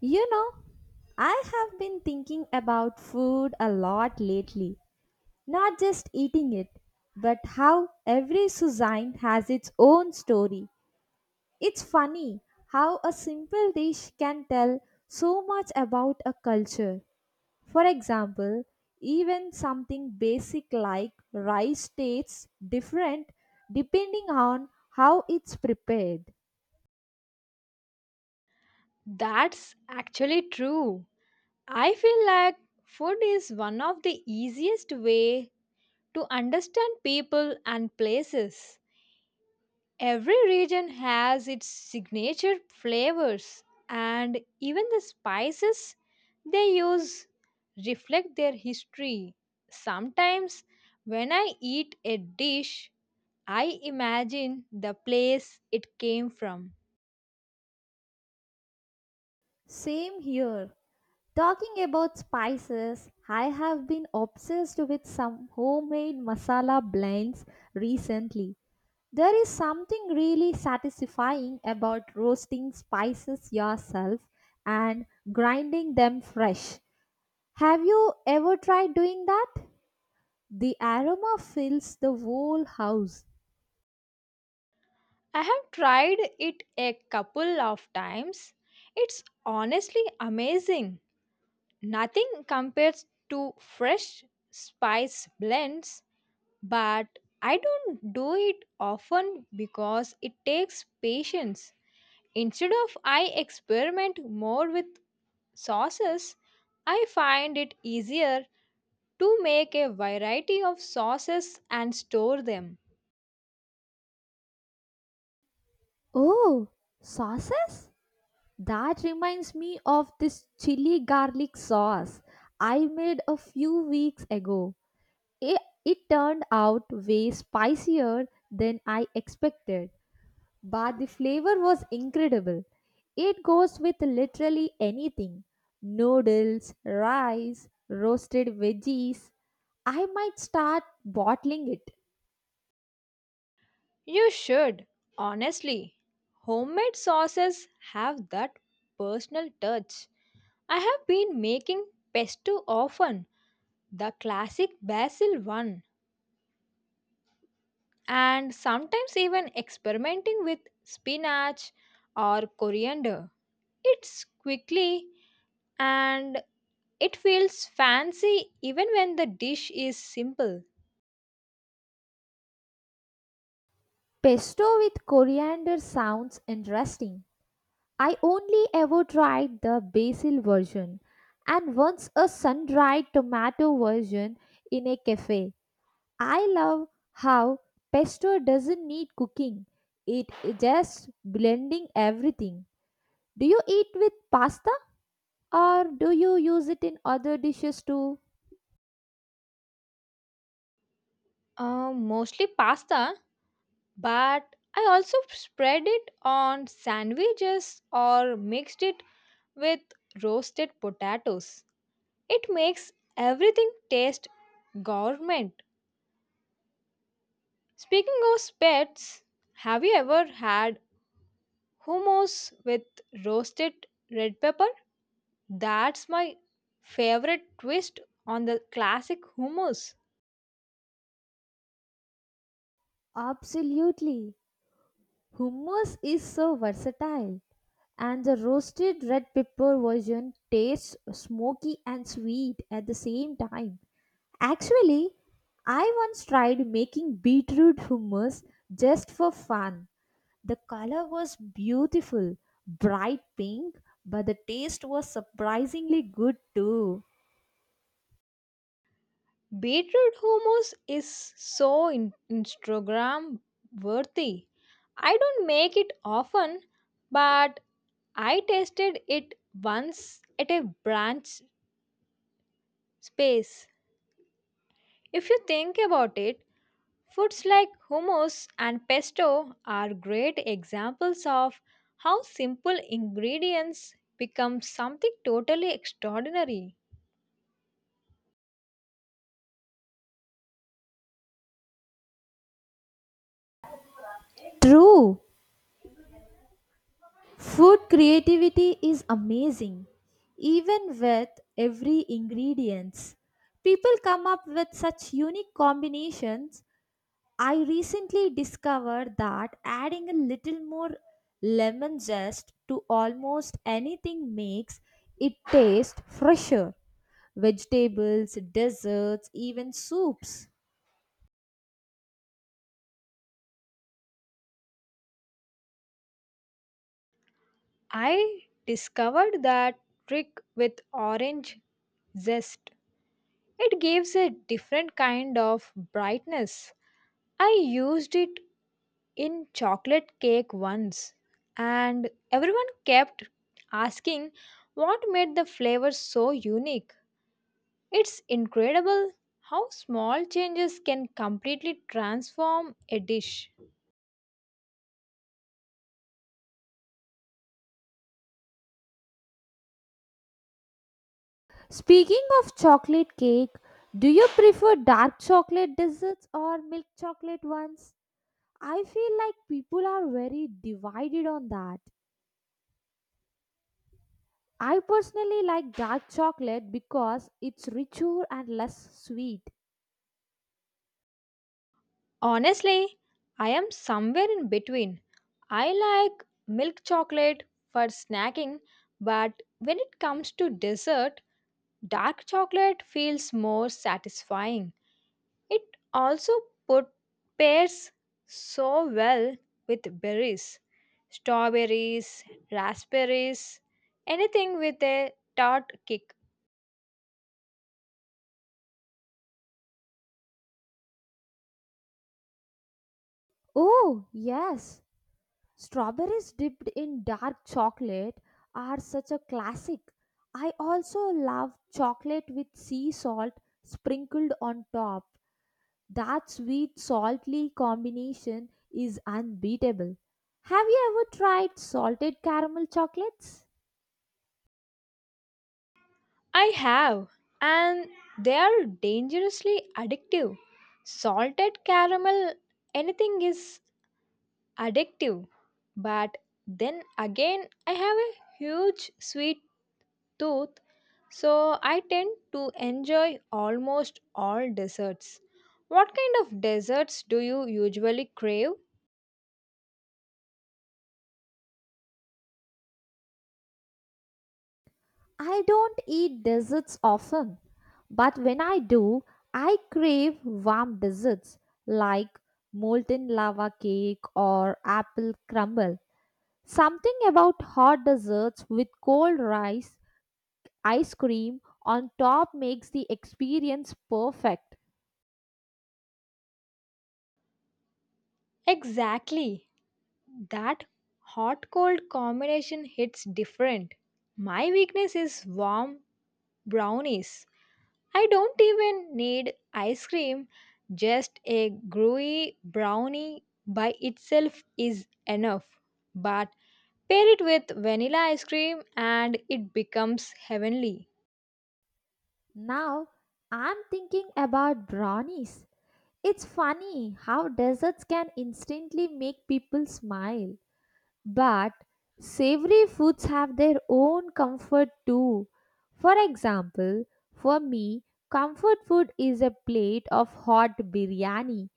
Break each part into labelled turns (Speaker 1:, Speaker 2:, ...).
Speaker 1: You know, I have been thinking about food a lot lately, not just eating it, but how every cuisine has its own story. It's funny how a simple dish can tell so much about a culture. For example, even something basic like rice tastes different depending on how it's prepared.
Speaker 2: That's actually true. I feel like food is one of the easiest way to understand people and places. Every region has its signature flavors and even the spices they use reflect their history. Sometimes when I eat a dish, I imagine the place it came from.
Speaker 1: Same here. Talking about spices, I have been obsessed with some homemade masala blends recently. There is something really satisfying about roasting spices yourself and grinding them fresh. Have you ever tried doing that? The aroma fills the whole house.
Speaker 2: I have tried it a couple of times. It's honestly amazing. Nothing compares to fresh spice blends, but I don't do it often because it takes patience. Instead of I experiment more with sauces, I find it easier to make a variety of sauces and store them.
Speaker 1: Oh, sauces? That reminds me of this chili garlic sauce I made a few weeks ago. It, it turned out way spicier than I expected, but the flavor was incredible. It goes with literally anything: noodles, rice, roasted veggies. I might start bottling it.
Speaker 2: You should, honestly. Homemade sauces have that personal touch. I have been making pesto often, the classic basil one, and sometimes even experimenting with spinach or coriander. It's quickly and it feels fancy even when the dish is simple.
Speaker 1: Pesto with coriander sounds interesting. I only ever tried the basil version and once a sun dried tomato version in a cafe. I love how pesto doesn't need cooking. It is just blending everything. Do you eat with pasta or do you use it in other dishes too?
Speaker 2: Mostly pasta, but I also spread it on sandwiches or mixed it with roasted potatoes. It makes everything taste gourmet. Speaking of pets, have you ever had hummus with roasted red pepper? That's my favorite twist on the classic hummus.
Speaker 1: Absolutely. Hummus is so versatile and the roasted red pepper version tastes smoky and sweet at the same time. Actually, I once tried making beetroot hummus just for fun. The color was beautiful, bright pink, but the taste was surprisingly good too.
Speaker 2: Beetroot hummus is so Instagram worthy. I don't make it often, but I tasted it once at a brunch space. If you think about it, foods like hummus and pesto are great examples of how simple ingredients become something totally extraordinary.
Speaker 1: True, food creativity is amazing. Even with every ingredients, people come up with such unique combinations. I recently discovered that adding a little more lemon zest to almost anything makes it taste fresher: vegetables, desserts, even soups.
Speaker 2: I discovered that trick with orange zest. It gives a different kind of brightness. I used it in chocolate cake once, and everyone kept asking what made the flavor so unique. It's incredible how small changes can completely transform a dish.
Speaker 1: Speaking of chocolate cake, do you prefer dark chocolate desserts or milk chocolate ones? I feel like people are very divided on that. I personally like dark chocolate because it's richer and less sweet.
Speaker 2: Honestly, I am somewhere in between. I like milk chocolate for snacking, but when it comes to dessert, dark chocolate feels more satisfying. It also put, pairs so well with berries, strawberries, raspberries, anything with a tart kick.
Speaker 1: Oh, yes. Strawberries dipped in dark chocolate are such a classic. I also love chocolate with sea salt sprinkled on top. That sweet saltly combination is unbeatable. Have you ever tried salted caramel chocolates?
Speaker 2: I have, and they are dangerously addictive. Salted caramel, anything is addictive. But then again, I have a huge sweet tooth, so I tend to enjoy almost all desserts. What kind of desserts do you usually crave?
Speaker 1: I don't eat desserts often, but when I do, I crave warm desserts like molten lava cake or apple crumble. Something about hot desserts with cold rice, ice cream on top makes the experience perfect.
Speaker 2: Exactly. That hot cold combination hits different. My weakness is warm brownies. I don't even need ice cream, just a gooey brownie by itself is enough. But pair it with vanilla ice cream and it becomes heavenly.
Speaker 1: Now, I'm thinking about brownies. It's funny how desserts can instantly make people smile, but savory foods have their own comfort too. For example, for me, comfort food is a plate of hot biryani,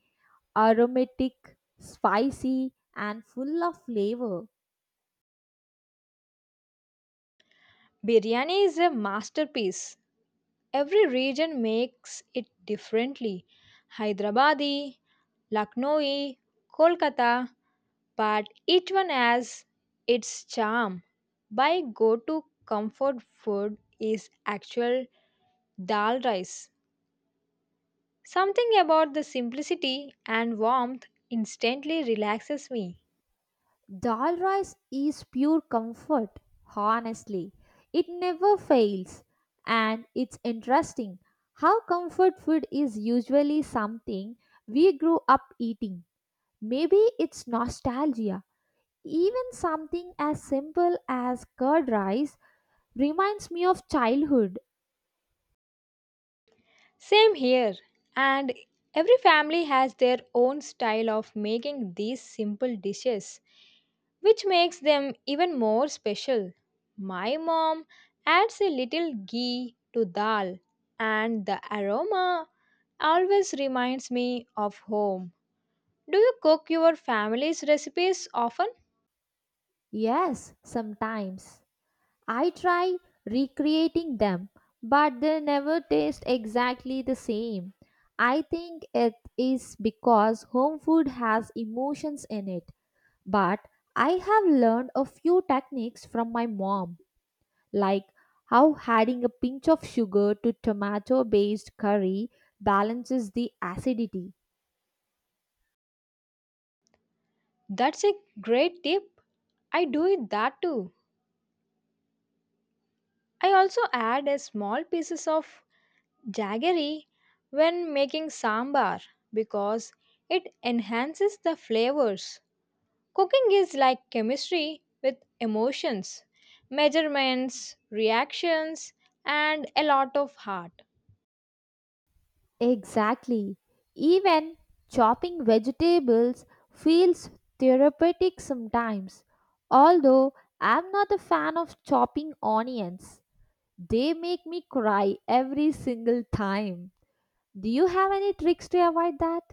Speaker 1: aromatic, spicy, and full of flavor.
Speaker 2: Biryani is a masterpiece. Every region makes it differently. Hyderabadi, Lucknowi, Kolkata, but each one has its charm. My go-to comfort food is actual dal rice. Something about the simplicity and warmth instantly relaxes me.
Speaker 1: Dal rice is pure comfort, honestly. It never fails. And it's interesting how comfort food is usually something we grew up eating. Maybe it's nostalgia. Even something as simple as curd rice reminds me of childhood.
Speaker 2: Same here, and every family has their own style of making these simple dishes, which makes them even more special. My mom adds a little ghee to dal, and the aroma always reminds me of home. Do you cook your family's recipes often?
Speaker 1: Yes, sometimes. I try recreating them, but they never taste exactly the same. I think it is because home food has emotions in it, but I have learned a few techniques from my mom, like how adding a pinch of sugar to tomato based curry balances the acidity.
Speaker 2: That's a great tip. I do it that too. I also add a small pieces of jaggery when making sambar because it enhances the flavors. Cooking is like chemistry with emotions, measurements, reactions, and a lot of heart.
Speaker 1: Exactly. Even chopping vegetables feels therapeutic sometimes. Although I'm not a fan of chopping onions, they make me cry every single time. Do you have any tricks to avoid that?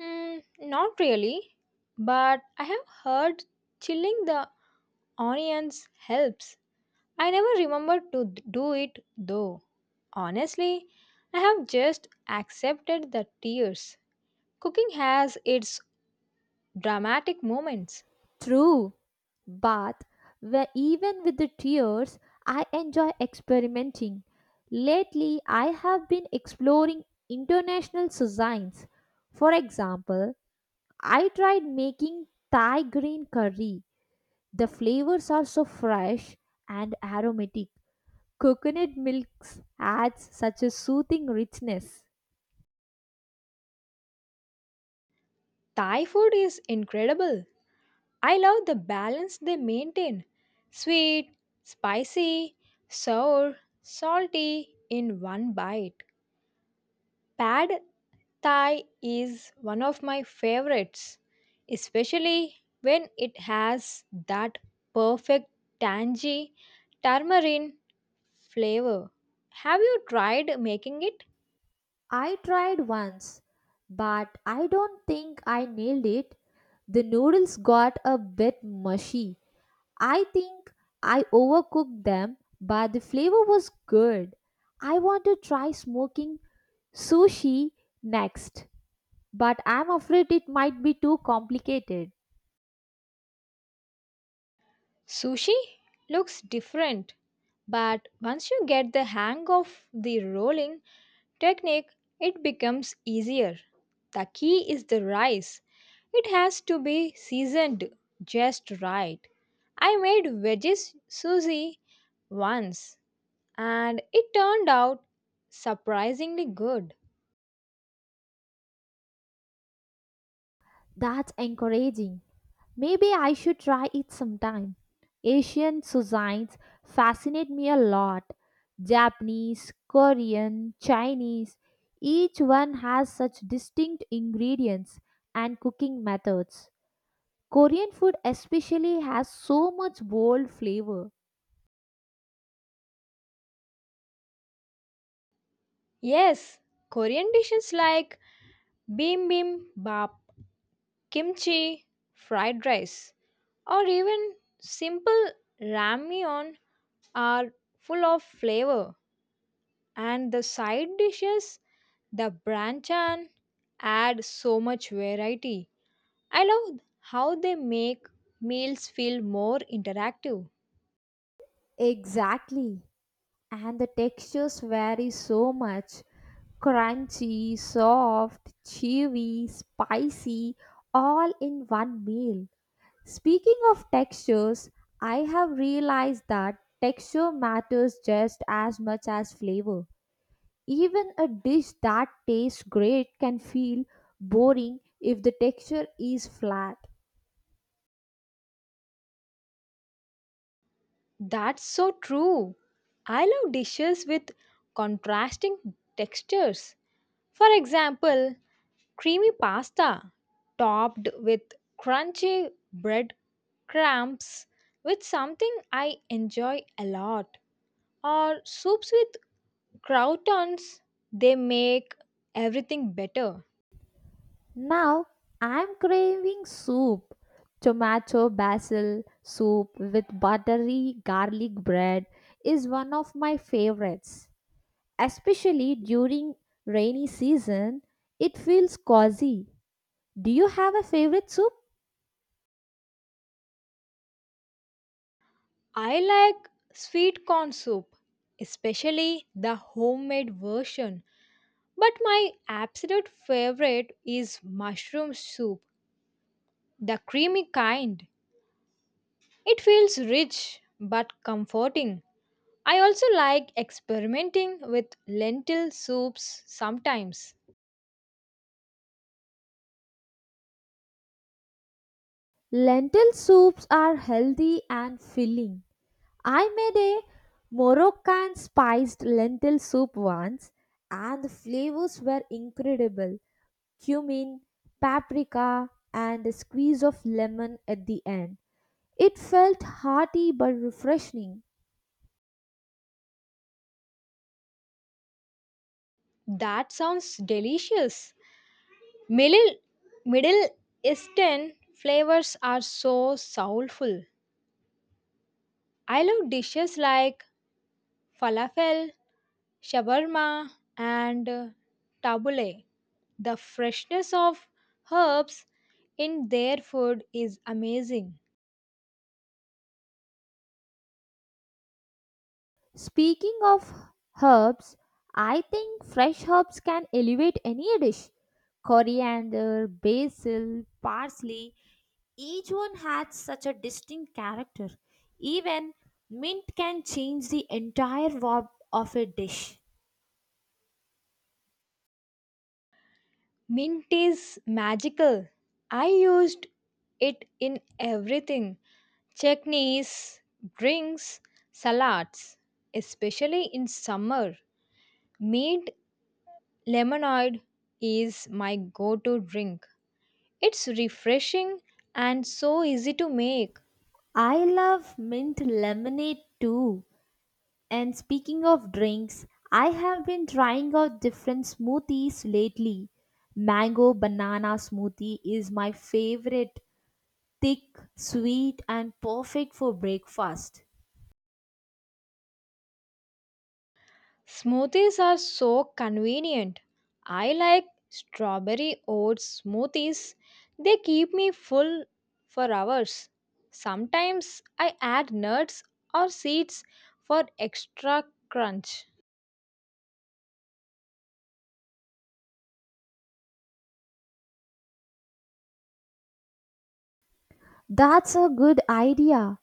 Speaker 2: Not really, but I have heard chilling the onions helps. I never remember to do it though. Honestly, I have just accepted the tears. Cooking has its dramatic moments.
Speaker 1: True. But where even with the tears, I enjoy experimenting. Lately, I have been exploring international cuisines. For example, I tried making Thai green curry. The flavors are so fresh and aromatic. Coconut milk adds such a soothing richness.
Speaker 2: Thai food is incredible. I love the balance they maintain sweet, spicy, sour, salty in one bite. Pad Thai is one of my favorites, especially when it has that perfect tangy tamarind flavor. Have you tried making it?
Speaker 1: I tried once, but I don't think I nailed it. The noodles got a bit mushy. I think I overcooked them, but the flavor was good. I want to try smoking sushi next, but I'm afraid it might be too complicated.
Speaker 2: Sushi looks different, but once you get the hang of the rolling, technique, it becomes easier. The key is the rice. It has to be seasoned just right. I made veggies sushi once and it turned out surprisingly good.
Speaker 1: That's encouraging. Maybe I should try it sometime. Asian cuisines fascinate me a lot. Japanese, Korean, Chinese, each one has such distinct ingredients and cooking methods. Korean food especially has so much bold flavor.
Speaker 2: Yes, Korean dishes like bibimbap, kimchi, fried rice, or even simple ramyeon are full of flavor, and the side dishes the branchan add so much variety. I love how they make meals feel more interactive.
Speaker 1: Exactly, and the textures vary so much: crunchy, soft, chewy, spicy, all in one meal. Speaking of textures, I have realized that texture matters just as much as flavor. Even a dish that tastes great can feel boring if the texture is flat.
Speaker 2: That's so true. I love dishes with contrasting textures. For example, creamy pasta topped with crunchy bread crumbs with something I enjoy a lot, or soups with croutons, they make everything better.
Speaker 1: Now I'm craving soup. Tomato basil soup with buttery garlic bread is one of my favorites. Especially during rainy season, it feels cozy. Do you have a favorite soup?
Speaker 2: I like sweet corn soup, especially the homemade version. But my absolute favorite is mushroom soup, the creamy kind. It feels rich but comforting. I also like experimenting with lentil soups sometimes.
Speaker 1: Lentil soups are healthy and filling. I made a Moroccan spiced lentil soup once and the flavors were incredible: cumin, paprika, and a squeeze of lemon at the end. It felt hearty but refreshing.
Speaker 2: That sounds delicious. Middle, Middle Eastern flavors are so soulful. I love dishes like falafel, shawarma, and tabbouleh. The freshness of herbs in their food is amazing.
Speaker 1: Speaking of herbs, I think fresh herbs can elevate any dish. Coriander, basil, parsley, each one has such a distinct character. Even mint can change the entire vibe of a dish.
Speaker 2: Mint is magical. I used it in everything chutneys, drinks, salads, especially in summer. Mint Lemonade is my go to drink. It's refreshing and so easy to make.
Speaker 1: I love mint lemonade too. And speaking of drinks, I have been trying out different smoothies lately. Mango banana smoothie is my favorite. Thick, sweet, and perfect for breakfast.
Speaker 2: Smoothies are so convenient. I like strawberry oats smoothies, they keep me full for hours. Sometimes I add nuts or seeds for extra crunch.
Speaker 1: That's a good idea.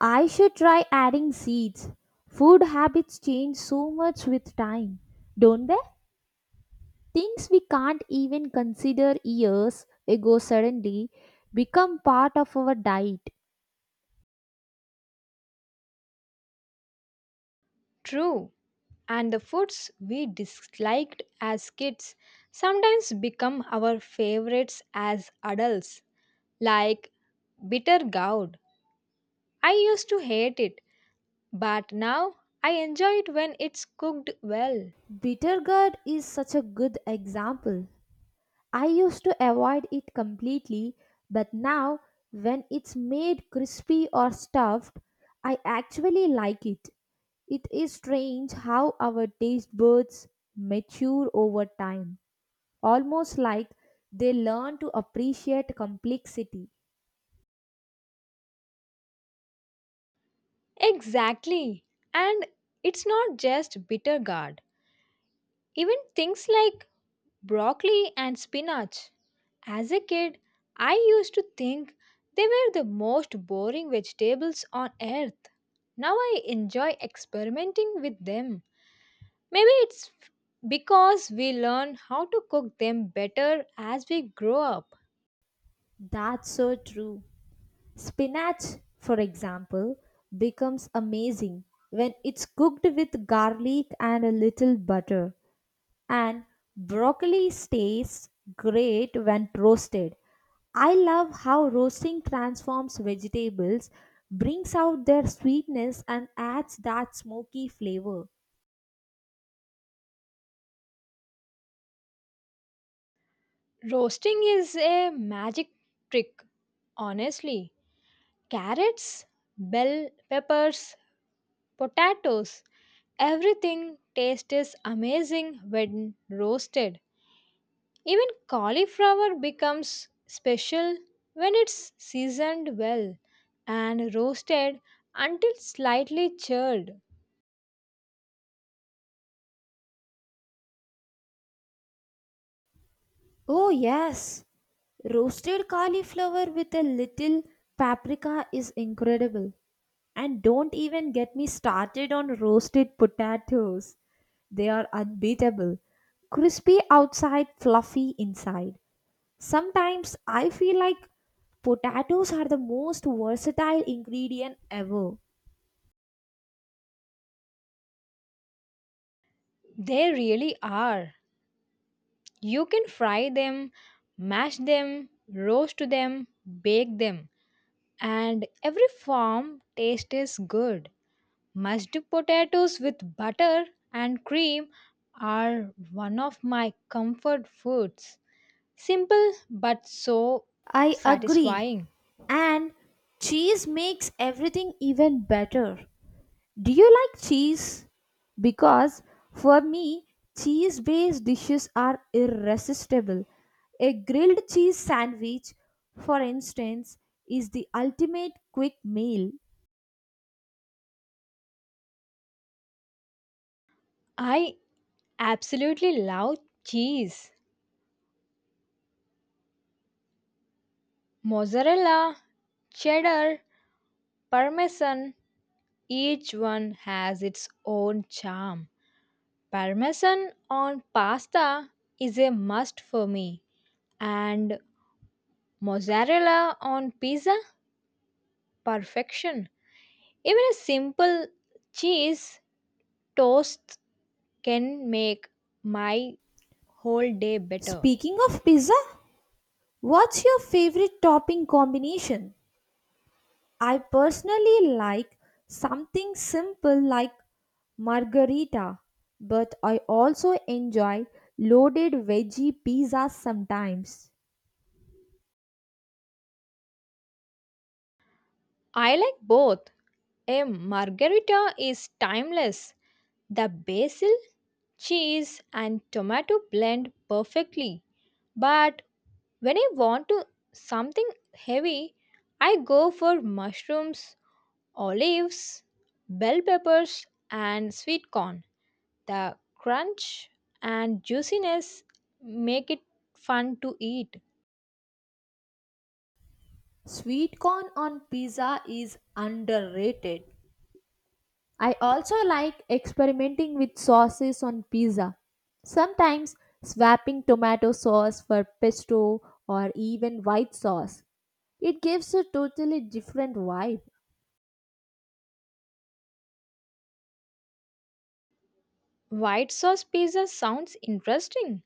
Speaker 1: I should try adding seeds. Food habits change so much with time, don't they? Things we can't even consider years ago suddenly become part of our diet.
Speaker 2: True, and the foods we disliked as kids sometimes become our favorites as adults, like bitter gourd. I used to hate it, but now I enjoy it when it's cooked well.
Speaker 1: Bittergourd is such a good example. I used to avoid it completely, but now when it's made crispy or stuffed, I actually like it. It is strange how our taste buds mature over time, almost like they learn to appreciate complexity.
Speaker 2: Exactly. And it's not just bitter gourd. Even things like broccoli and spinach. As a kid, I used to think they were the most boring vegetables on earth. Now I enjoy experimenting with them. Maybe because we learn how to cook them better as we grow up.
Speaker 1: That's so true. Spinach, for example, becomes amazing when it's cooked with garlic and a little butter, and broccoli tastes great when roasted. I love how roasting transforms vegetables, brings out their sweetness, and adds that smoky flavor.
Speaker 2: Roasting is a magic trick, honestly. Carrots, bell peppers, potatoes, everything tastes amazing when roasted. Even cauliflower becomes special when it's seasoned well and roasted until slightly charred.
Speaker 1: Oh, yes, roasted cauliflower with a little paprika is incredible. And don't even get me started on roasted potatoes. They are unbeatable. Crispy outside, fluffy inside. Sometimes I feel like potatoes are the most versatile ingredient ever.
Speaker 2: They really are. You can fry them, mash them, roast them, bake them, and every form taste is good. Mashed potatoes with butter and cream are one of my comfort foods. Simple but so
Speaker 1: I agree.
Speaker 2: satisfying.
Speaker 1: And cheese makes everything even better. Do you like cheese? Because for me, cheese based dishes are irresistible. A grilled cheese sandwich, for instance, is the ultimate quick meal.
Speaker 2: I absolutely love cheese. Mozzarella, cheddar, parmesan, each one has its own charm. Parmesan on pasta is a must for me and Mozzarella on pizza? Perfection. Even a simple cheese toast can make my whole day better.
Speaker 1: Speaking of pizza, what's your favorite topping combination? I personally like something simple like margarita, but I also enjoy loaded veggie pizzas sometimes.
Speaker 2: I like both. A margherita is timeless. The basil, cheese, and tomato blend perfectly. But when I want to something heavy, I go for mushrooms, olives, bell peppers, and sweet corn. The crunch and juiciness make it fun to eat.
Speaker 1: Sweet corn on pizza is underrated. I also like experimenting with sauces on pizza. Sometimes swapping tomato sauce for pesto or even white sauce. It gives a totally different vibe.
Speaker 2: White sauce pizza sounds interesting.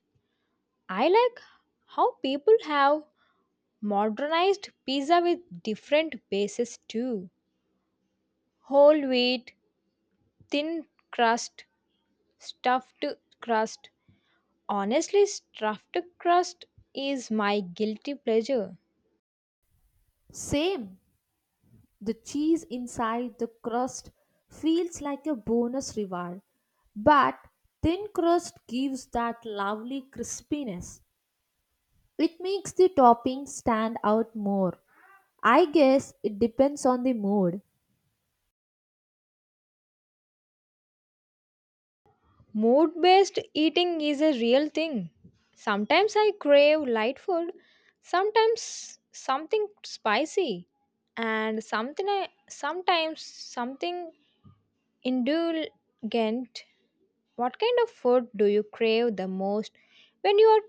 Speaker 2: I like how people have modernized pizza with different bases too. Whole wheat, thin crust, stuffed crust. Honestly, stuffed crust is my guilty pleasure.
Speaker 1: Same, the cheese inside the crust feels like a bonus reward, but thin crust gives that lovely crispiness. It makes the topping stand out more. I guess it depends on the mood.
Speaker 2: Mood based eating is a real thing. Sometimes I crave light food, sometimes something spicy, and sometimes something indulgent. What kind of food do you crave the most when you are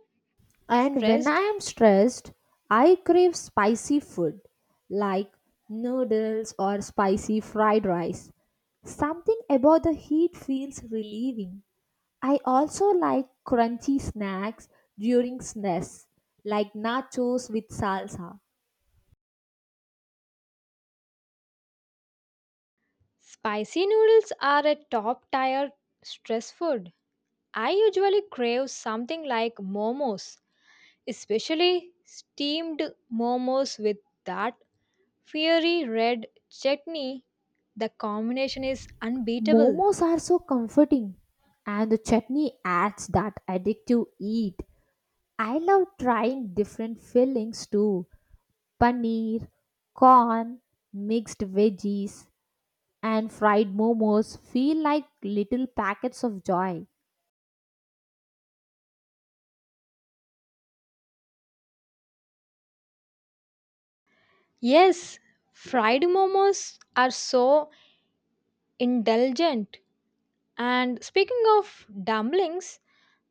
Speaker 1: And when I
Speaker 2: stressed?
Speaker 1: am stressed, I crave spicy food like noodles or spicy fried rice. Something about the heat feels relieving. I also like crunchy snacks during snacks like nachos with salsa.
Speaker 2: Spicy noodles are a top tier stress food. I usually crave something like momos, especially steamed momos with that fiery red chutney, the combination is unbeatable.
Speaker 1: Momos are so comforting and the chutney adds that addictive heat. I love trying different fillings too: paneer, corn, mixed veggies, and fried momos feel like little packets of joy.
Speaker 2: Yes, fried momos are so indulgent. And speaking of dumplings,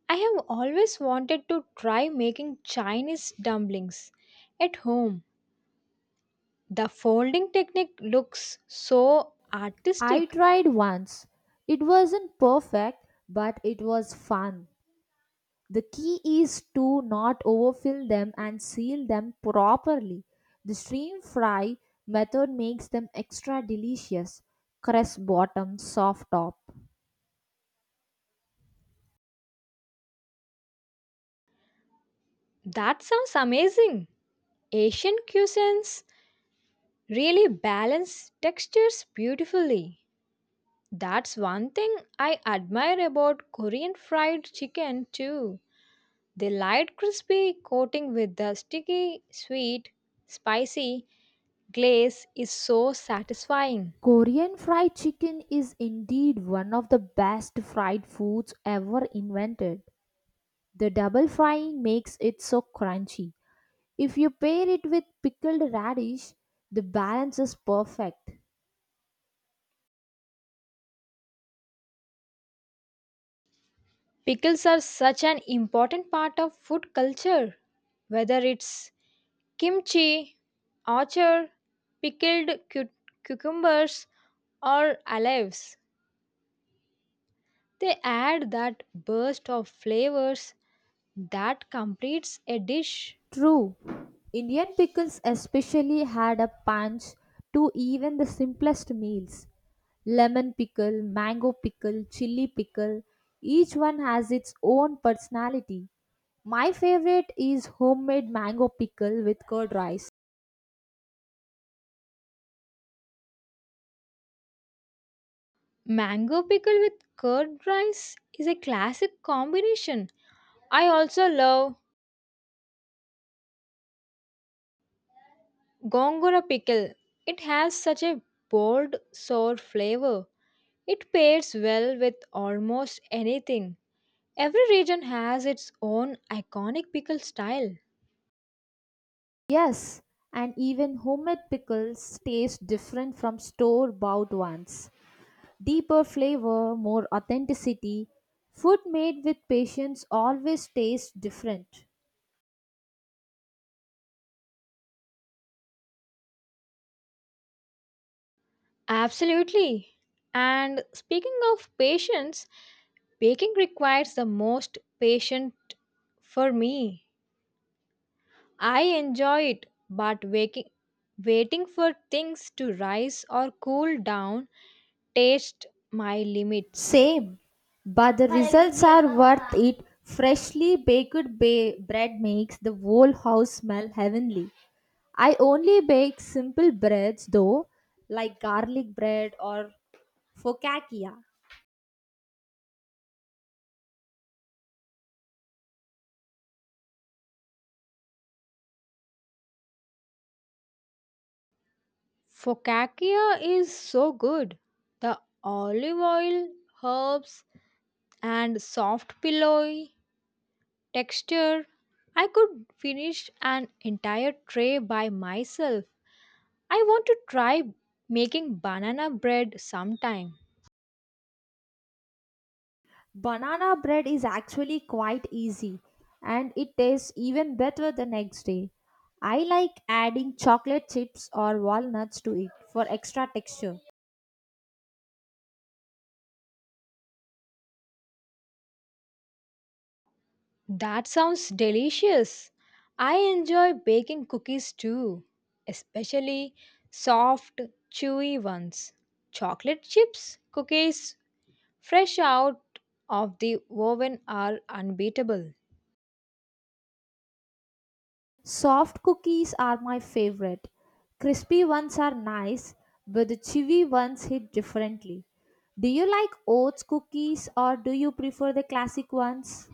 Speaker 2: I have always wanted to try making Chinese dumplings at home. The folding technique looks so
Speaker 1: I
Speaker 2: artistic.
Speaker 1: tried once. It wasn't perfect, but it was fun. The key is to not overfill them and seal them properly. The steam fry method makes them extra delicious. Crust bottom, soft top.
Speaker 2: That sounds amazing. Asian cuisines really balance textures beautifully. That's one thing I admire about Korean fried chicken too. The light crispy coating with the sticky, sweet, spicy glaze is so satisfying.
Speaker 1: Korean fried chicken is indeed one of the best fried foods ever invented. The double frying makes it so crunchy. If you pair it with pickled radish, the balance is perfect.
Speaker 2: Pickles are such an important part of food culture, whether it's kimchi, orchard, pickled cu- cucumbers, or olives. They add that burst of flavors that completes a dish.
Speaker 1: True, Indian pickles especially had a punch to even the simplest meals. Lemon pickle, mango pickle, chili pickle, each one has its own personality. My favorite is homemade mango pickle with curd rice.
Speaker 2: Mango pickle with curd rice is a classic combination. I also love gongora pickle. It has such a bold, sour flavor. It pairs well with almost anything. Every region has its own iconic pickle style.
Speaker 1: Yes, and even homemade pickles taste different from store bought ones. Deeper flavor, more authenticity. Food made with patience always tastes different.
Speaker 2: Absolutely. And speaking of patience, baking requires the most patient for me. I enjoy it, but waiting for things to rise or cool down tastes my limits.
Speaker 1: Same, but the results are worth it. Freshly baked bread makes the whole house smell heavenly. I only bake simple breads though, like garlic bread or focaccia.
Speaker 2: Focaccia is so good. The olive oil, herbs, and soft pillowy texture. I could finish an entire tray by myself. I want to try making banana bread sometime.
Speaker 1: Banana bread is actually quite easy and it tastes even better the next day. I like adding chocolate chips or walnuts to it for extra texture.
Speaker 2: That sounds delicious. I enjoy baking cookies too, especially soft, chewy ones. Chocolate chips cookies fresh out of the oven are unbeatable.
Speaker 1: Soft cookies are my favorite. Crispy ones are nice, but the chewy ones hit differently. Do you like oats cookies or do you prefer the classic ones?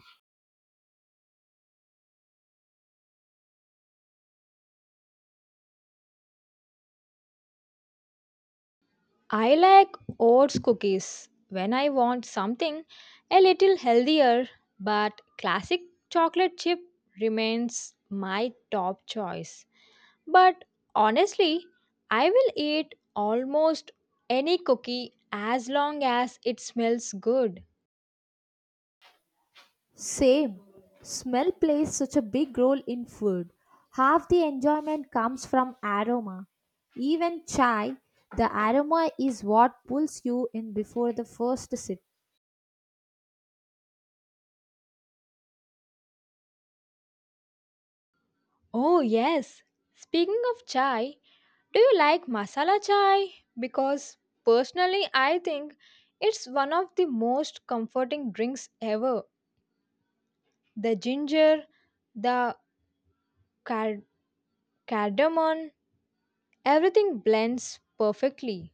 Speaker 2: I like oats cookies when I want something a little healthier, but classic chocolate chip remains my top choice. But honestly, I will eat almost any cookie as long as it smells good.
Speaker 1: Same. Smell plays such a big role in food. Half the enjoyment comes from aroma. Even chai, the aroma is what pulls you in before the first sip.
Speaker 2: Oh, yes. Speaking of chai, do you like masala chai? Because personally, I think it's one of the most comforting drinks ever. The ginger, the card- cardamom, everything blends perfectly.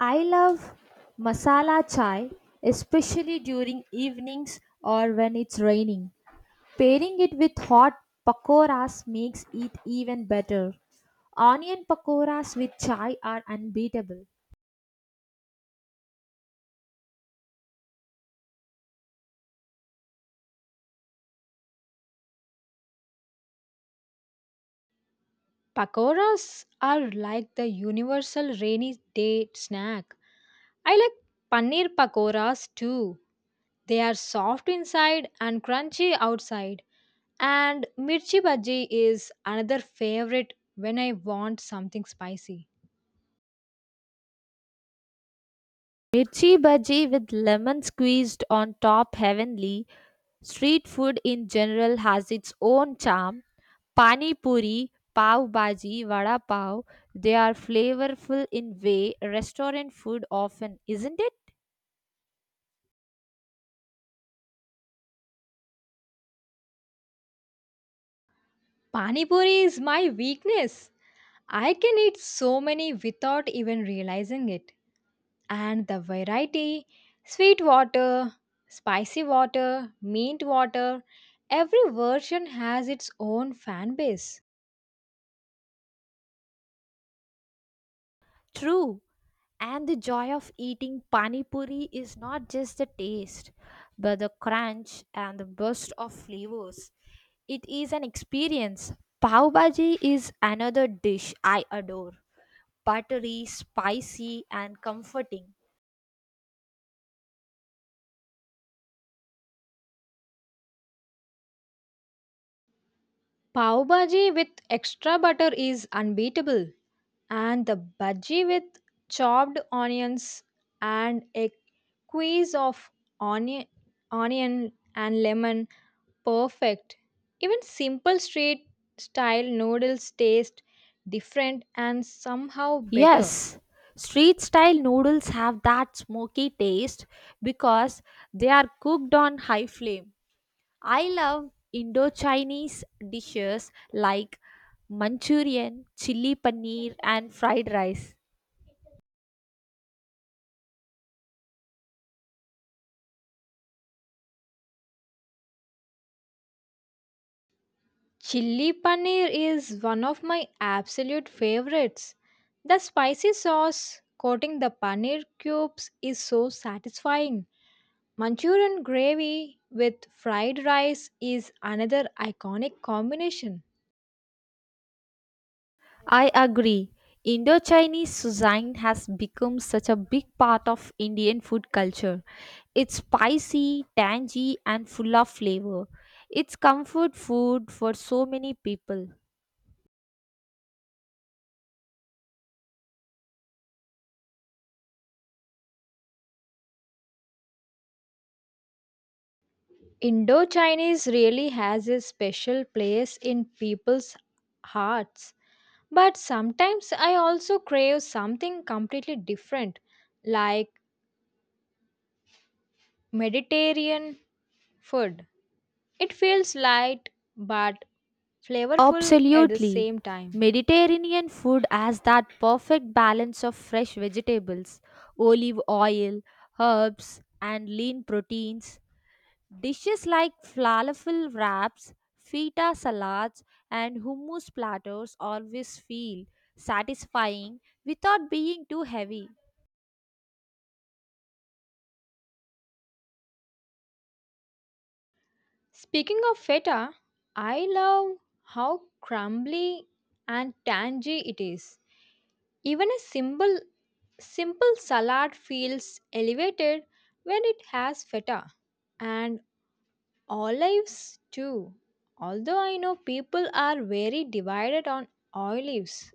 Speaker 1: I love masala chai, especially during evenings or when it's raining. Pairing it with hot pakoras makes it even better. Onion pakoras with chai are unbeatable.
Speaker 2: Pakoras are like the universal rainy day snack. I like paneer pakoras too. They are soft inside and crunchy outside. And mirchi bhaji is another favorite when I want something spicy.
Speaker 1: Mirchi bhaji with lemon squeezed on top, heavenly. Street food in general has its own charm. Pani puri, pav bhaji, vada pav, they are flavorful in way restaurant food often, isn't it?
Speaker 2: Pani puri is my weakness. I can eat so many without even realizing it. And the variety sweet water, spicy water, mint water every version has its own fan base.
Speaker 1: True. And the joy of eating pani puri is not just the taste, but the crunch and the burst of flavors. It is an experience. Pav bhaji is another dish I adore. Buttery, spicy, and comforting.
Speaker 2: Pav bhaji with extra butter is unbeatable, and the bhaji with chopped onions and a squeeze of onion, onion and lemon perfect. Even simple street style noodles taste different and somehow better.
Speaker 1: Yes, street style noodles have that smoky taste because they are cooked on high flame. I love Indo-Chinese dishes like Manchurian, chili paneer, and fried rice.
Speaker 2: Chili paneer is one of my absolute favorites. The spicy sauce coating the paneer cubes is so satisfying. Manchurian gravy with fried rice is another iconic combination.
Speaker 1: I agree. Indo-Chinese cuisine has become such a big part of Indian food culture. It's spicy, tangy, and full of flavor. It's comfort food for so many people.
Speaker 2: Indo Chinese really has a special place in people's hearts. But sometimes I also crave something completely different, like Mediterranean food. It feels light but flavorful at the
Speaker 1: Absolutely.
Speaker 2: same time.
Speaker 1: Mediterranean food has that perfect balance of fresh vegetables, olive oil, herbs, and lean proteins. Dishes like falafel wraps, feta salads, and hummus platters always feel satisfying without being too heavy.
Speaker 2: Speaking of feta, I love how crumbly and tangy it is. Even a simple salad feels elevated when it has feta and olives too. Although I know people are very divided on olives.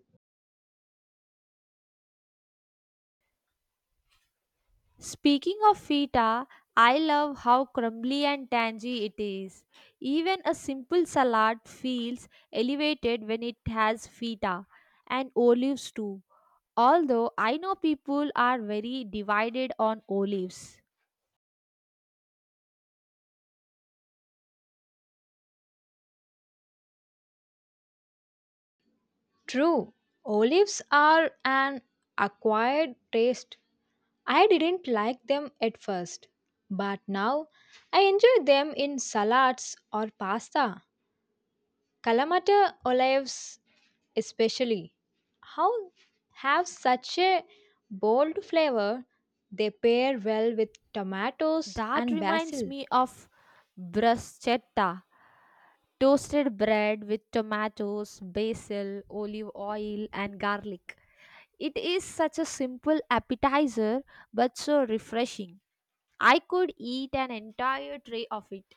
Speaker 1: Speaking of feta, I love how crumbly and tangy it is. Even a simple salad feels elevated when it has feta and olives too. Although I know people are very divided on olives.
Speaker 2: True, olives are an acquired taste. I didn't like them at first, but now I enjoy them in salads or pasta. Kalamata olives, especially, how have such a bold flavor. They pair well with tomatoes
Speaker 1: That
Speaker 2: and
Speaker 1: reminds
Speaker 2: basil.
Speaker 1: me of bruschetta, toasted bread with tomatoes, basil, olive oil, and garlic. It is such a simple appetizer but so refreshing. I could eat an entire tray of it.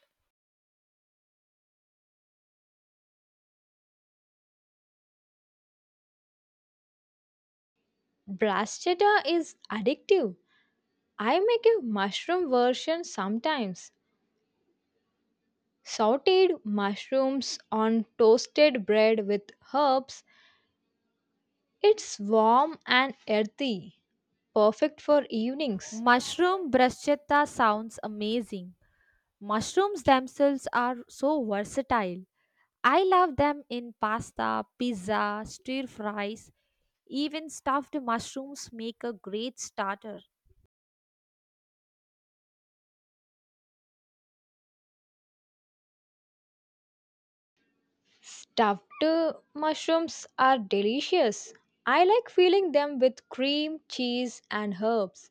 Speaker 2: Bruschetta is addictive. I make a mushroom version sometimes. Sauteed mushrooms on toasted bread with herbs. It's warm and earthy, perfect for evenings.
Speaker 1: Mushroom bruschetta sounds amazing. Mushrooms themselves are so versatile. I love them in pasta, pizza, stir fries, even stuffed mushrooms make a great starter.
Speaker 2: Stuffed mushrooms are delicious. I like filling them with cream, cheese, and herbs.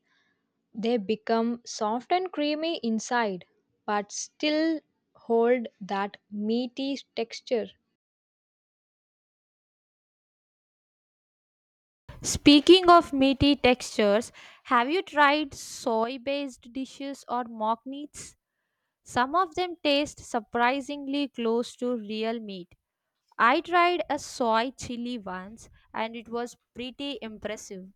Speaker 2: They become soft and creamy inside, but still hold that meaty texture.
Speaker 1: Speaking of meaty textures, have you tried soy based dishes or mock meats? Some of them taste surprisingly close to real meat. I tried a soy chili once and it was pretty impressive.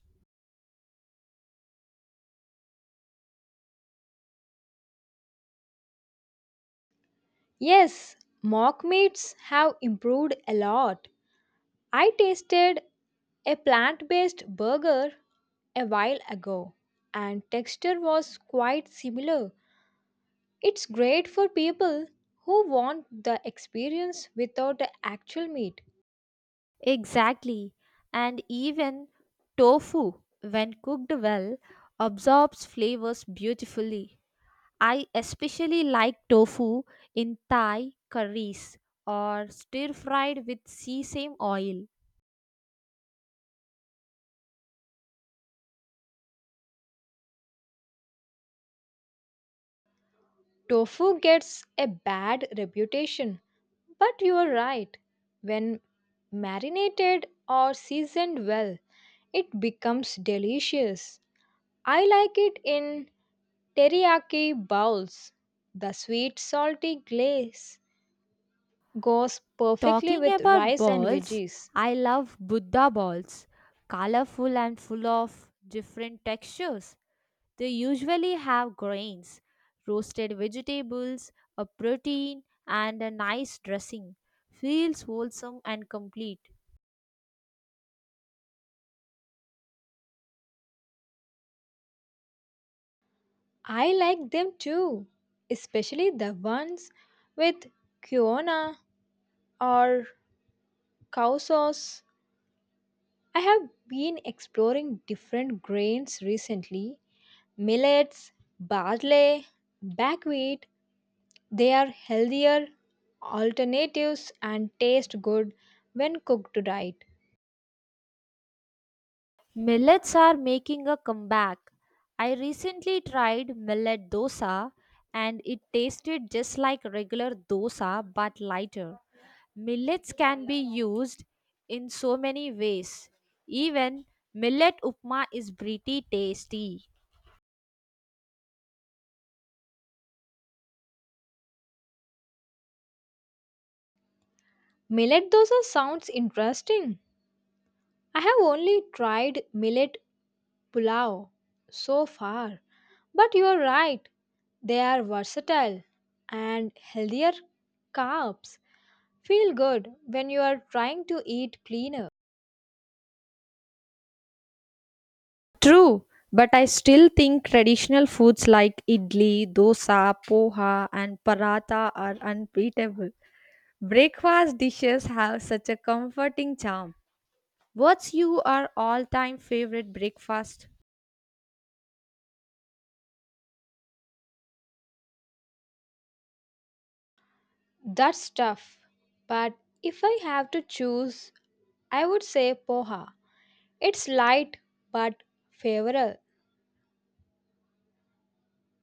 Speaker 2: Yes, mock meats have improved a lot. I tasted a plant based burger a while ago, and texture was quite similar. It's great for people who want the experience without the actual meat.
Speaker 1: Exactly. And even tofu, when cooked well, absorbs flavors beautifully. I especially like tofu in Thai curries or stir fried with sesame oil.
Speaker 2: Tofu gets a bad reputation, but you are right. When marinated or seasoned well, it becomes delicious. I like it in teriyaki bowls. The sweet salty glaze goes perfectly
Speaker 1: Talking
Speaker 2: with
Speaker 1: about
Speaker 2: rice and
Speaker 1: balls,
Speaker 2: veggies.
Speaker 1: I love Buddha balls, colorful and full of different textures. They usually have grains, roasted vegetables, a protein, and a nice dressing. Feels wholesome and complete.
Speaker 2: I like them too, especially the ones with quinoa or cow sauce. I have been exploring different grains recently millets, barley, buckwheat. They are healthier alternatives and taste good when cooked right.
Speaker 1: Millets are making a comeback. I recently tried millet dosa and it tasted just like regular dosa but lighter. Millets can be used in so many ways. Even millet upma is pretty tasty.
Speaker 2: Millet dosa sounds interesting. I have only tried millet Pulao so far. But you are right, they are versatile and healthier carbs feel good when you are trying to eat cleaner.
Speaker 1: True, but I still think traditional foods like idli, dosa, poha, and paratha are unbeatable. Breakfast dishes have such a comforting charm. What's your all-time favorite breakfast?
Speaker 2: That's tough, but if I have to choose, I would say poha. It's light but favorable.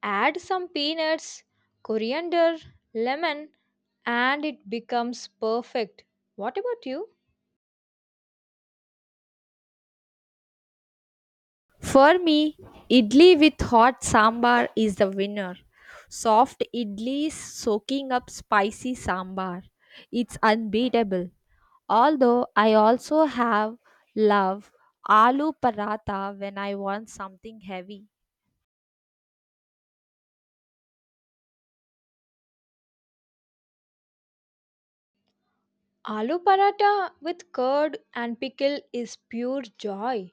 Speaker 2: Add some peanuts, coriander, lemon, and it becomes perfect. What about you?
Speaker 1: For me, idli with hot sambar is the winner. Soft idlis soaking up spicy sambar. It's unbeatable. Although I also have love aloo paratha when I want something heavy.
Speaker 2: Aloo paratha with curd and pickle is pure joy.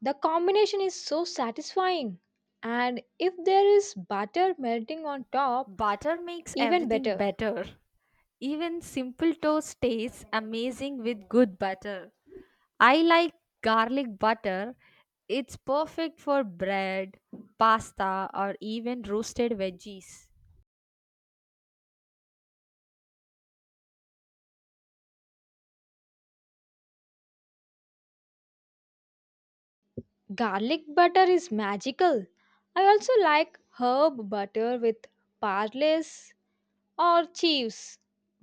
Speaker 2: The combination is so satisfying. And if there is butter melting on top,
Speaker 1: Butter makes
Speaker 2: even
Speaker 1: everything
Speaker 2: better.
Speaker 1: better. Even simple toast tastes amazing with good butter. I like garlic butter. It's perfect for bread, pasta, or even roasted veggies.
Speaker 2: Garlic butter is magical. I also like herb butter with parlays or chives,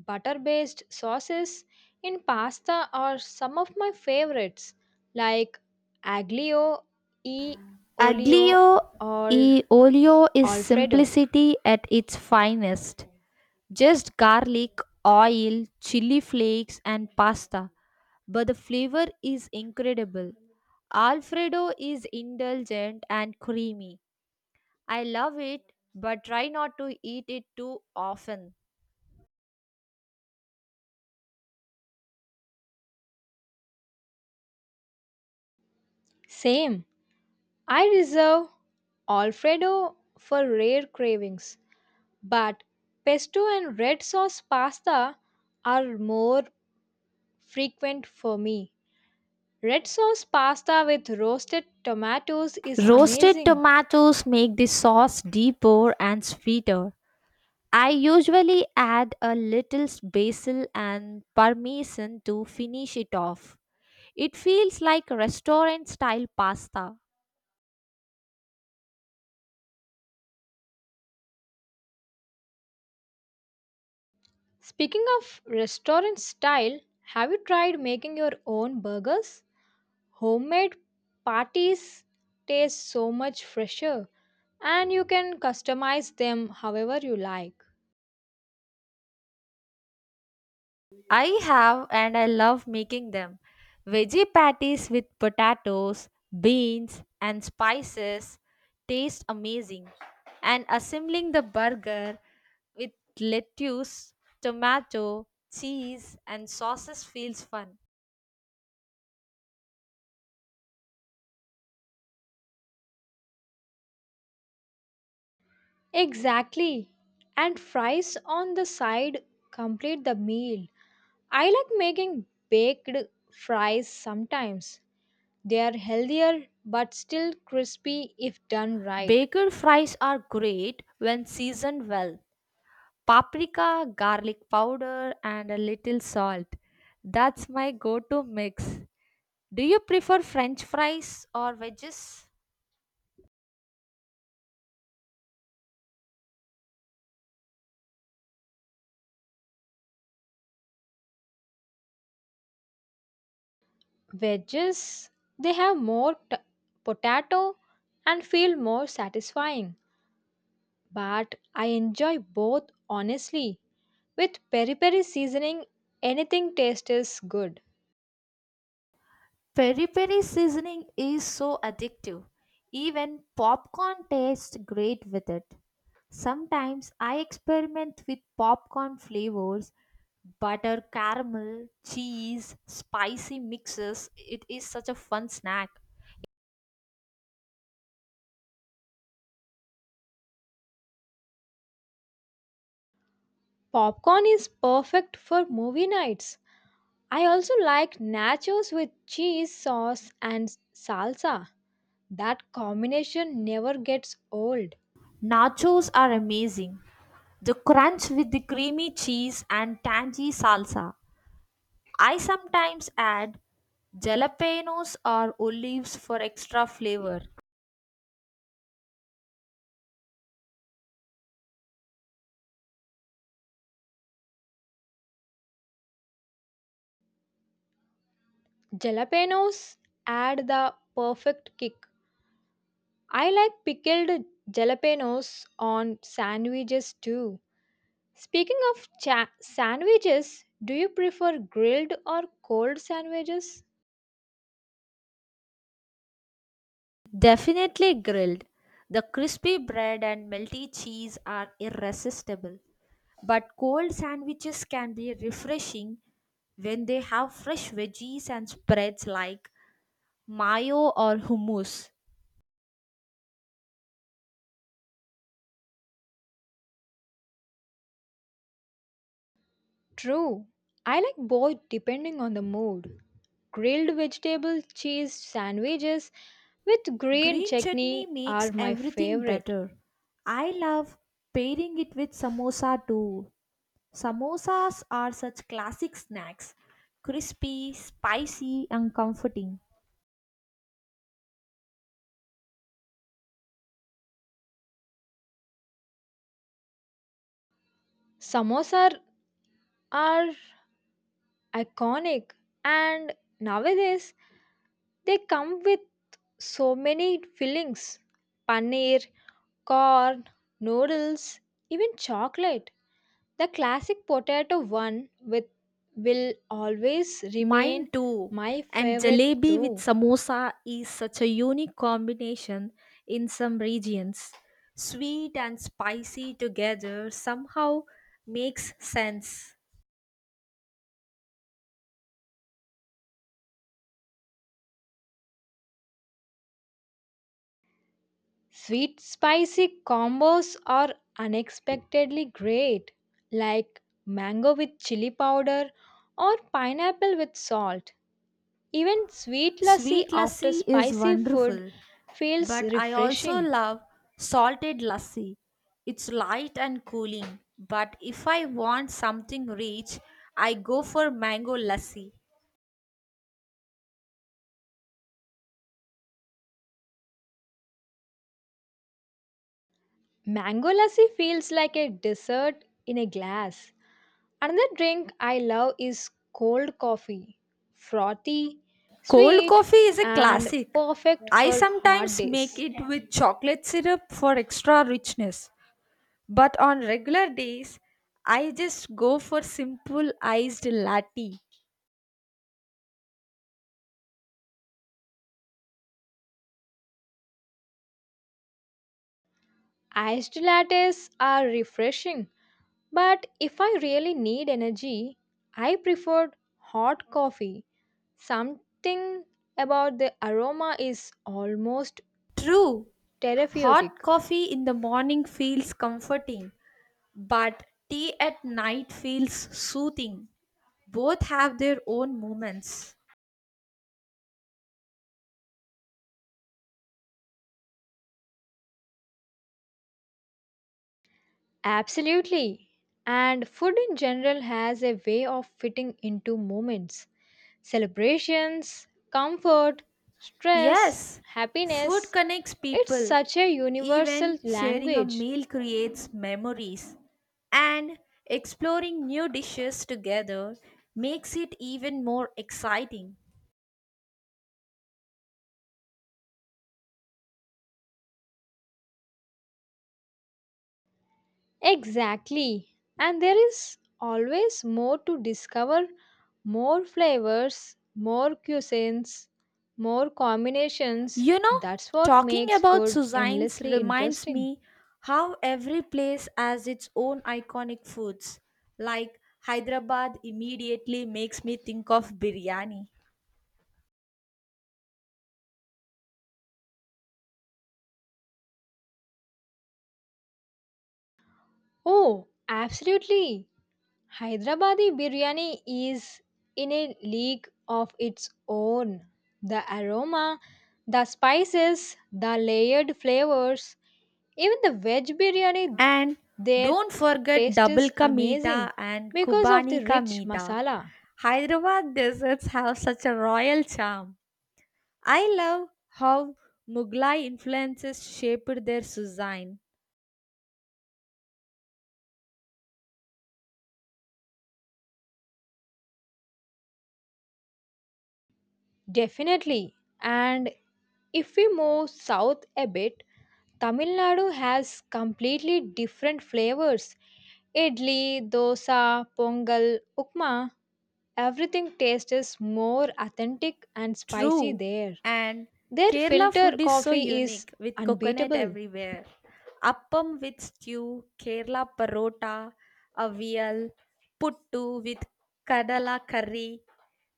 Speaker 2: butter based sauces in pasta are some of my favorites like aglio e olio
Speaker 1: Aglio
Speaker 2: or
Speaker 1: e olio is
Speaker 2: alfredo.
Speaker 1: simplicity at its finest. Just garlic, oil, chili flakes, and pasta. But the flavor is incredible. Alfredo is indulgent and creamy. I love it, but try not to eat it too often.
Speaker 2: Same. I reserve Alfredo for rare cravings, but pesto and red sauce pasta are more frequent for me. Red sauce pasta with roasted tomatoes is
Speaker 1: Roasted
Speaker 2: amazing.
Speaker 1: tomatoes make the sauce deeper and sweeter. I usually add a little basil and parmesan to finish it off. It feels like restaurant style pasta.
Speaker 2: Speaking of restaurant style, have you tried making your own burgers? Homemade patties taste so much fresher, and you can customize them however you like.
Speaker 1: I have and I love making them. Veggie patties with potatoes, beans, and spices taste amazing. And assembling the burger with lettuce, tomato, cheese, and sauces feels fun.
Speaker 2: Exactly. And fries on the side complete the meal. I like making baked fries sometimes. They are healthier but still crispy if done right.
Speaker 1: Baked fries are great when seasoned well. Paprika, garlic powder, and a little salt. That's my go to mix. Do you prefer french fries or wedges?
Speaker 2: Wedges, they have more potato and feel more satisfying. But I enjoy both honestly. With peri peri seasoning, anything tastes good.
Speaker 1: Peri peri seasoning is so addictive. Even popcorn tastes great with it. Sometimes I experiment with popcorn flavors, butter, caramel, cheese, spicy mixes. It is such a fun snack.
Speaker 2: Popcorn is perfect for movie nights. I also like nachos with cheese sauce and salsa. That combination never gets old.
Speaker 1: Nachos are amazing. The crunch with the creamy cheese and tangy salsa. I sometimes add jalapenos or olives for extra flavor.
Speaker 2: Jalapenos add the perfect kick. I like pickled jalapenos on sandwiches too. Speaking of sandwiches, do you prefer grilled or cold sandwiches?
Speaker 1: Definitely grilled. The crispy bread and melty cheese are irresistible. But cold sandwiches can be refreshing when they have fresh veggies and spreads like mayo or hummus.
Speaker 2: True. I like both depending on the mood. Grilled vegetable cheese sandwiches with green
Speaker 1: Green chutney
Speaker 2: chutney are
Speaker 1: makes
Speaker 2: my
Speaker 1: everything
Speaker 2: favorite.
Speaker 1: better. I love pairing it with samosa too. Samosas are such classic snacks, crispy, spicy, and comforting.
Speaker 2: Samosas are iconic and nowadays they come with so many fillings paneer, corn, noodles, even chocolate. The classic potato one with will always
Speaker 1: Mine
Speaker 2: remain
Speaker 1: too.
Speaker 2: my
Speaker 1: And
Speaker 2: favorite
Speaker 1: jalebi with
Speaker 2: though.
Speaker 1: samosa is such a unique combination in some regions. Sweet and spicy together somehow makes sense.
Speaker 2: Sweet spicy combos are unexpectedly great, like mango with chili powder or pineapple with salt. Even sweet lassi
Speaker 1: Sweet
Speaker 2: after
Speaker 1: lassi is
Speaker 2: spicy food
Speaker 1: wonderful,
Speaker 2: feels
Speaker 1: but I also
Speaker 2: refreshing.
Speaker 1: love salted lassi. It's light and cooling, but if I want something rich, I go for mango lassi.
Speaker 2: Mango lassi feels like a dessert in a glass. Another drink I love is cold coffee. Frothy,
Speaker 1: Cold
Speaker 2: sweet,
Speaker 1: coffee is a
Speaker 2: and
Speaker 1: classic.
Speaker 2: perfect
Speaker 1: I
Speaker 2: for hard
Speaker 1: sometimes make
Speaker 2: days.
Speaker 1: it with chocolate syrup for extra richness, but on regular days, I just go for simple iced latte.
Speaker 2: Iced lattes are refreshing, but if I really need energy, I prefer hot coffee. Something about the aroma is almost
Speaker 1: True, hot
Speaker 2: therapeutic.
Speaker 1: coffee in the morning feels comforting, but tea at night feels soothing. Both have their own moments.
Speaker 2: Absolutely. And food in general has a way of fitting into moments, celebrations, comfort, stress,
Speaker 1: Yes, food
Speaker 2: happiness.
Speaker 1: connects
Speaker 2: It's
Speaker 1: people.
Speaker 2: such a universal
Speaker 1: Even sharing a
Speaker 2: language.
Speaker 1: meal creates memories. And exploring new dishes together makes it even more exciting.
Speaker 2: Exactly. And there is always more to discover more flavors, more cuisines, more combinations.
Speaker 1: You know,
Speaker 2: That's what
Speaker 1: talking
Speaker 2: makes
Speaker 1: about
Speaker 2: food
Speaker 1: Suzanne's
Speaker 2: endlessly
Speaker 1: reminds
Speaker 2: interesting.
Speaker 1: me how every place has its own iconic foods. Like Hyderabad immediately makes me think of biryani.
Speaker 2: Oh, absolutely. Hyderabadi biryani is in a league of its own. The aroma, the spices, the layered flavors, even the veg biryani
Speaker 1: And
Speaker 2: their
Speaker 1: don't forget
Speaker 2: taste
Speaker 1: double
Speaker 2: is
Speaker 1: ka
Speaker 2: amazing
Speaker 1: meeta and
Speaker 2: because of
Speaker 1: Kubani
Speaker 2: the
Speaker 1: ka
Speaker 2: rich
Speaker 1: meeta.
Speaker 2: masala.
Speaker 1: Hyderabad desserts have such a royal charm. I love how Mughlai influences shaped their cuisine.
Speaker 2: Definitely. And if we move south a bit, Tamil Nadu has completely different flavors. Idli, dosa, pongal, upma Everything taste is more authentic and spicy
Speaker 1: True.
Speaker 2: there.
Speaker 1: And
Speaker 2: Their
Speaker 1: Kerala
Speaker 2: filter
Speaker 1: food is so
Speaker 2: coffee is
Speaker 1: unique with coconut
Speaker 2: unbeatable.
Speaker 1: everywhere. Appam with stew, Kerala parota, avial, puttu with kadala curry.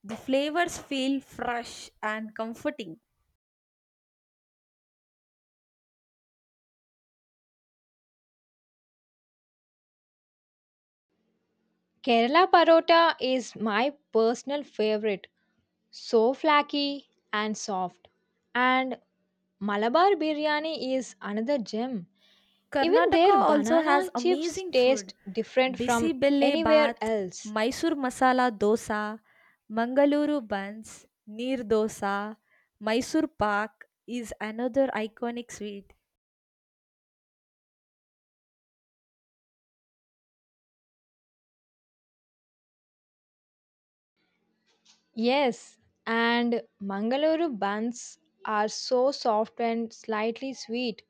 Speaker 1: The flavors feel fresh and comforting.
Speaker 2: Kerala parota is my personal favorite. So flaky and soft. And Malabar biryani is another gem. Even
Speaker 1: Karnataka
Speaker 2: their
Speaker 1: also
Speaker 2: banana
Speaker 1: has
Speaker 2: chips
Speaker 1: amazing
Speaker 2: taste
Speaker 1: food.
Speaker 2: different from
Speaker 1: Bisibelle
Speaker 2: anywhere
Speaker 1: bath,
Speaker 2: else.
Speaker 1: Mysore masala dosa, Mangaluru buns, neer dosa, Mysore pak is another iconic sweet.
Speaker 2: Yes, and Mangaluru buns are so soft and slightly sweet.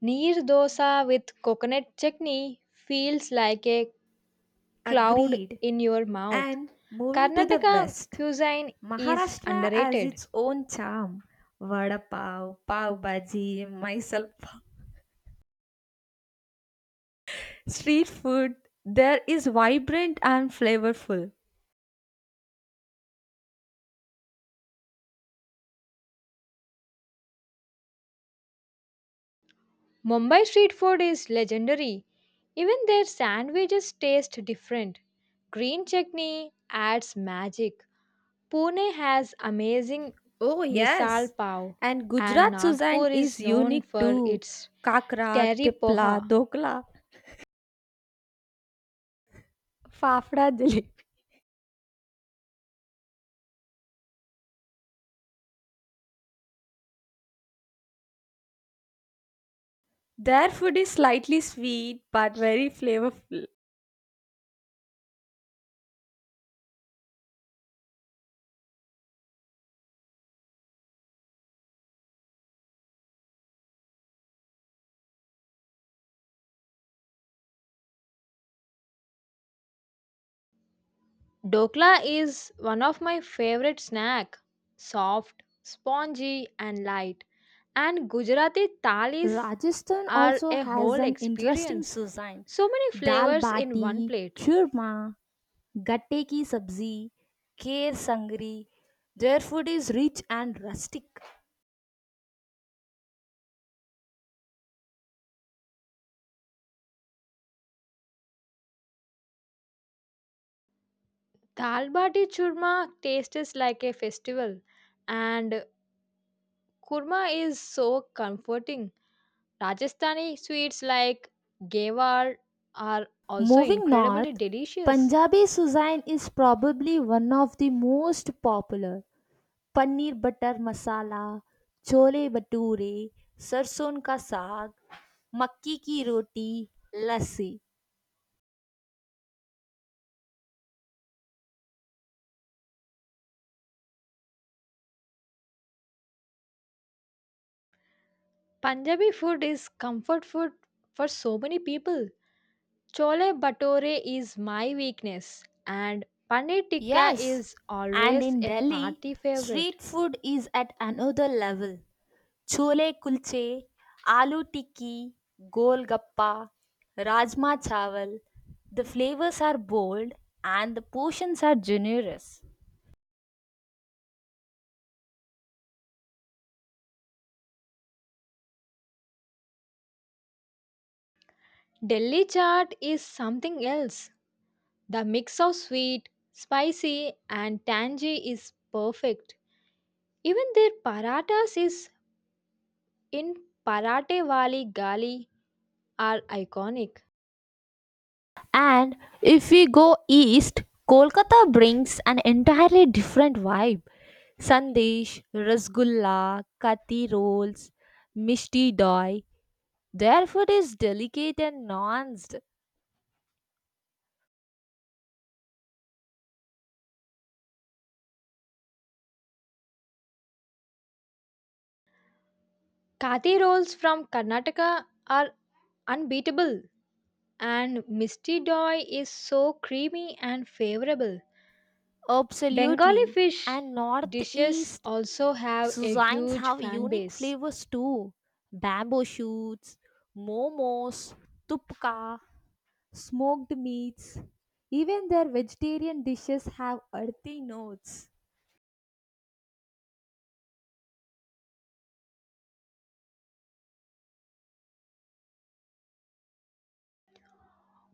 Speaker 2: Neer dosa with coconut chutney feels like a cloud
Speaker 1: Agreed.
Speaker 2: in your mouth.
Speaker 1: And moving to the
Speaker 2: Karnataka
Speaker 1: west,
Speaker 2: cuisine is
Speaker 1: Maharashtra has
Speaker 2: underrated.
Speaker 1: its own charm. Vada pav, pav bhaji, Mysore pav. Street food there is vibrant and flavorful.
Speaker 2: Mumbai street food is legendary. Even their sandwiches taste different. Green chutney adds magic. Pune has amazing
Speaker 1: Oh,
Speaker 2: misal
Speaker 1: yes.
Speaker 2: pav
Speaker 1: And
Speaker 2: and
Speaker 1: Gujarat cuisine
Speaker 2: Nagpur is
Speaker 1: is
Speaker 2: known
Speaker 1: unique
Speaker 2: for
Speaker 1: too.
Speaker 2: its
Speaker 1: Kakra,
Speaker 2: terry
Speaker 1: tipla,
Speaker 2: poha.
Speaker 1: dokla, fafda jalebi. Their food is slightly sweet but very flavorful.
Speaker 2: Dokla is one of my favorite snack. Soft, spongy and light. And Gujarati thalis
Speaker 1: Rajasthan
Speaker 2: are
Speaker 1: also
Speaker 2: a
Speaker 1: has
Speaker 2: whole
Speaker 1: an interesting
Speaker 2: experience.
Speaker 1: cuisine.
Speaker 2: So many
Speaker 1: Dal
Speaker 2: flavors in one
Speaker 1: bati,
Speaker 2: plate.
Speaker 1: churma, gatte ki sabzi, kher sangri. Their food is rich and rustic.
Speaker 2: Dal bati churma tastes like a festival and kurma is so comforting. Rajasthani sweets like gewar are also
Speaker 1: Moving
Speaker 2: incredibly
Speaker 1: north,
Speaker 2: delicious.
Speaker 1: Punjabi cuisine is probably one of the most popular. Paneer butter masala, chole bhature, sarson ka साग, मक्की की roti, lassi.
Speaker 2: Punjabi food is comfort food for so many people. Chole Bhature is my weakness, and Paneer Tikka
Speaker 1: Yes,
Speaker 2: is
Speaker 1: and in
Speaker 2: always a
Speaker 1: Delhi,
Speaker 2: party favorite.
Speaker 1: street food is at another level. Chole kulche, aloo tikki, golgappa, rajma chawal. The flavors are bold and the portions are generous.
Speaker 2: Delhi chaat is something else. The mix of sweet, spicy, and tangy is perfect. Even their paratas is in Parate Wali Gali are iconic.
Speaker 1: And if we go east, Kolkata brings an entirely different vibe. Sandesh, Rasgulla, Kati rolls, Mishti doi. Their food is delicate and nuanced.
Speaker 2: Kathi rolls from Karnataka are unbeatable, and Misti Doi is so creamy and favorable. Bengali
Speaker 1: Absolutely.
Speaker 2: fish
Speaker 1: And
Speaker 2: dishes
Speaker 1: northeast
Speaker 2: also have a
Speaker 1: cuisines
Speaker 2: huge
Speaker 1: have
Speaker 2: fan
Speaker 1: unique
Speaker 2: base.
Speaker 1: flavors too. Bamboo shoots, momos, tupka, smoked meats. Even their vegetarian dishes have earthy notes.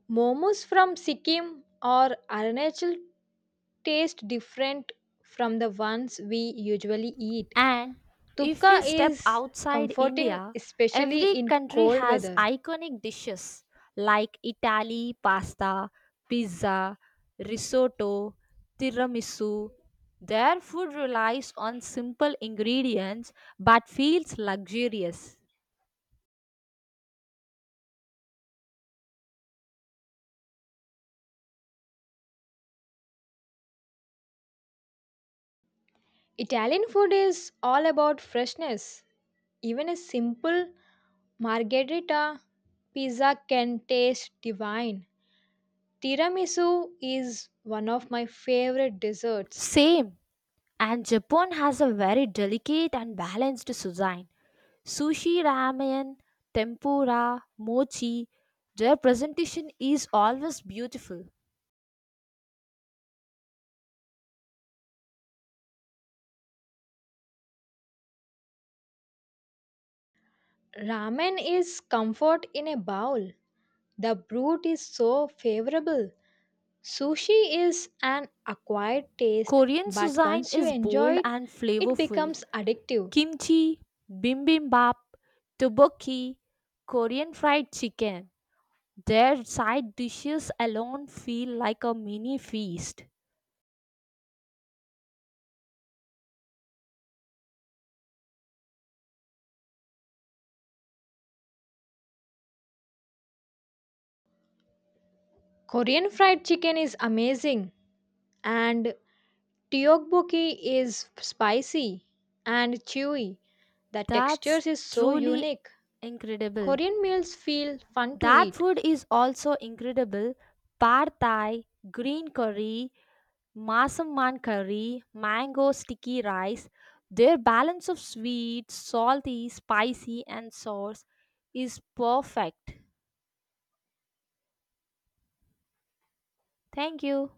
Speaker 2: Momos from Sikkim or Arunachal taste different from the ones we usually eat.
Speaker 1: And if we
Speaker 2: Tupka
Speaker 1: step
Speaker 2: is
Speaker 1: outside
Speaker 2: comforting,
Speaker 1: India,
Speaker 2: especially
Speaker 1: every
Speaker 2: in
Speaker 1: country
Speaker 2: cold
Speaker 1: has
Speaker 2: weather.
Speaker 1: iconic dishes like Italy, pasta, pizza, risotto, tiramisu. Their food relies on simple ingredients but feels luxurious.
Speaker 2: Italian food is all about freshness. Even a simple margherita pizza can taste divine. Tiramisu is one of my favorite desserts.
Speaker 1: Same, and Japan has a very delicate and balanced cuisine. Sushi, ramen, tempura, mochi. Their presentation is always beautiful.
Speaker 2: Ramen is comfort in a bowl. The broth is so favorable. Sushi is an acquired taste,
Speaker 1: Korean
Speaker 2: but
Speaker 1: cuisine
Speaker 2: once you
Speaker 1: is
Speaker 2: enjoy
Speaker 1: bold
Speaker 2: it,
Speaker 1: and
Speaker 2: it
Speaker 1: flavorful.
Speaker 2: becomes addictive.
Speaker 1: Kimchi, bibimbap, tteokbokki, Korean fried chicken. Their side dishes alone feel like a mini feast.
Speaker 2: Korean fried chicken is amazing, and tteokbokki is spicy and chewy. The
Speaker 1: That's
Speaker 2: textures is so
Speaker 1: truly
Speaker 2: unique.
Speaker 1: incredible.
Speaker 2: Korean meals feel fun to
Speaker 1: That
Speaker 2: eat.
Speaker 1: food is also incredible. Pad Thai, green curry, Masaman curry, mango sticky rice, their balance of sweet, salty, spicy, and sauce is perfect. Thank you.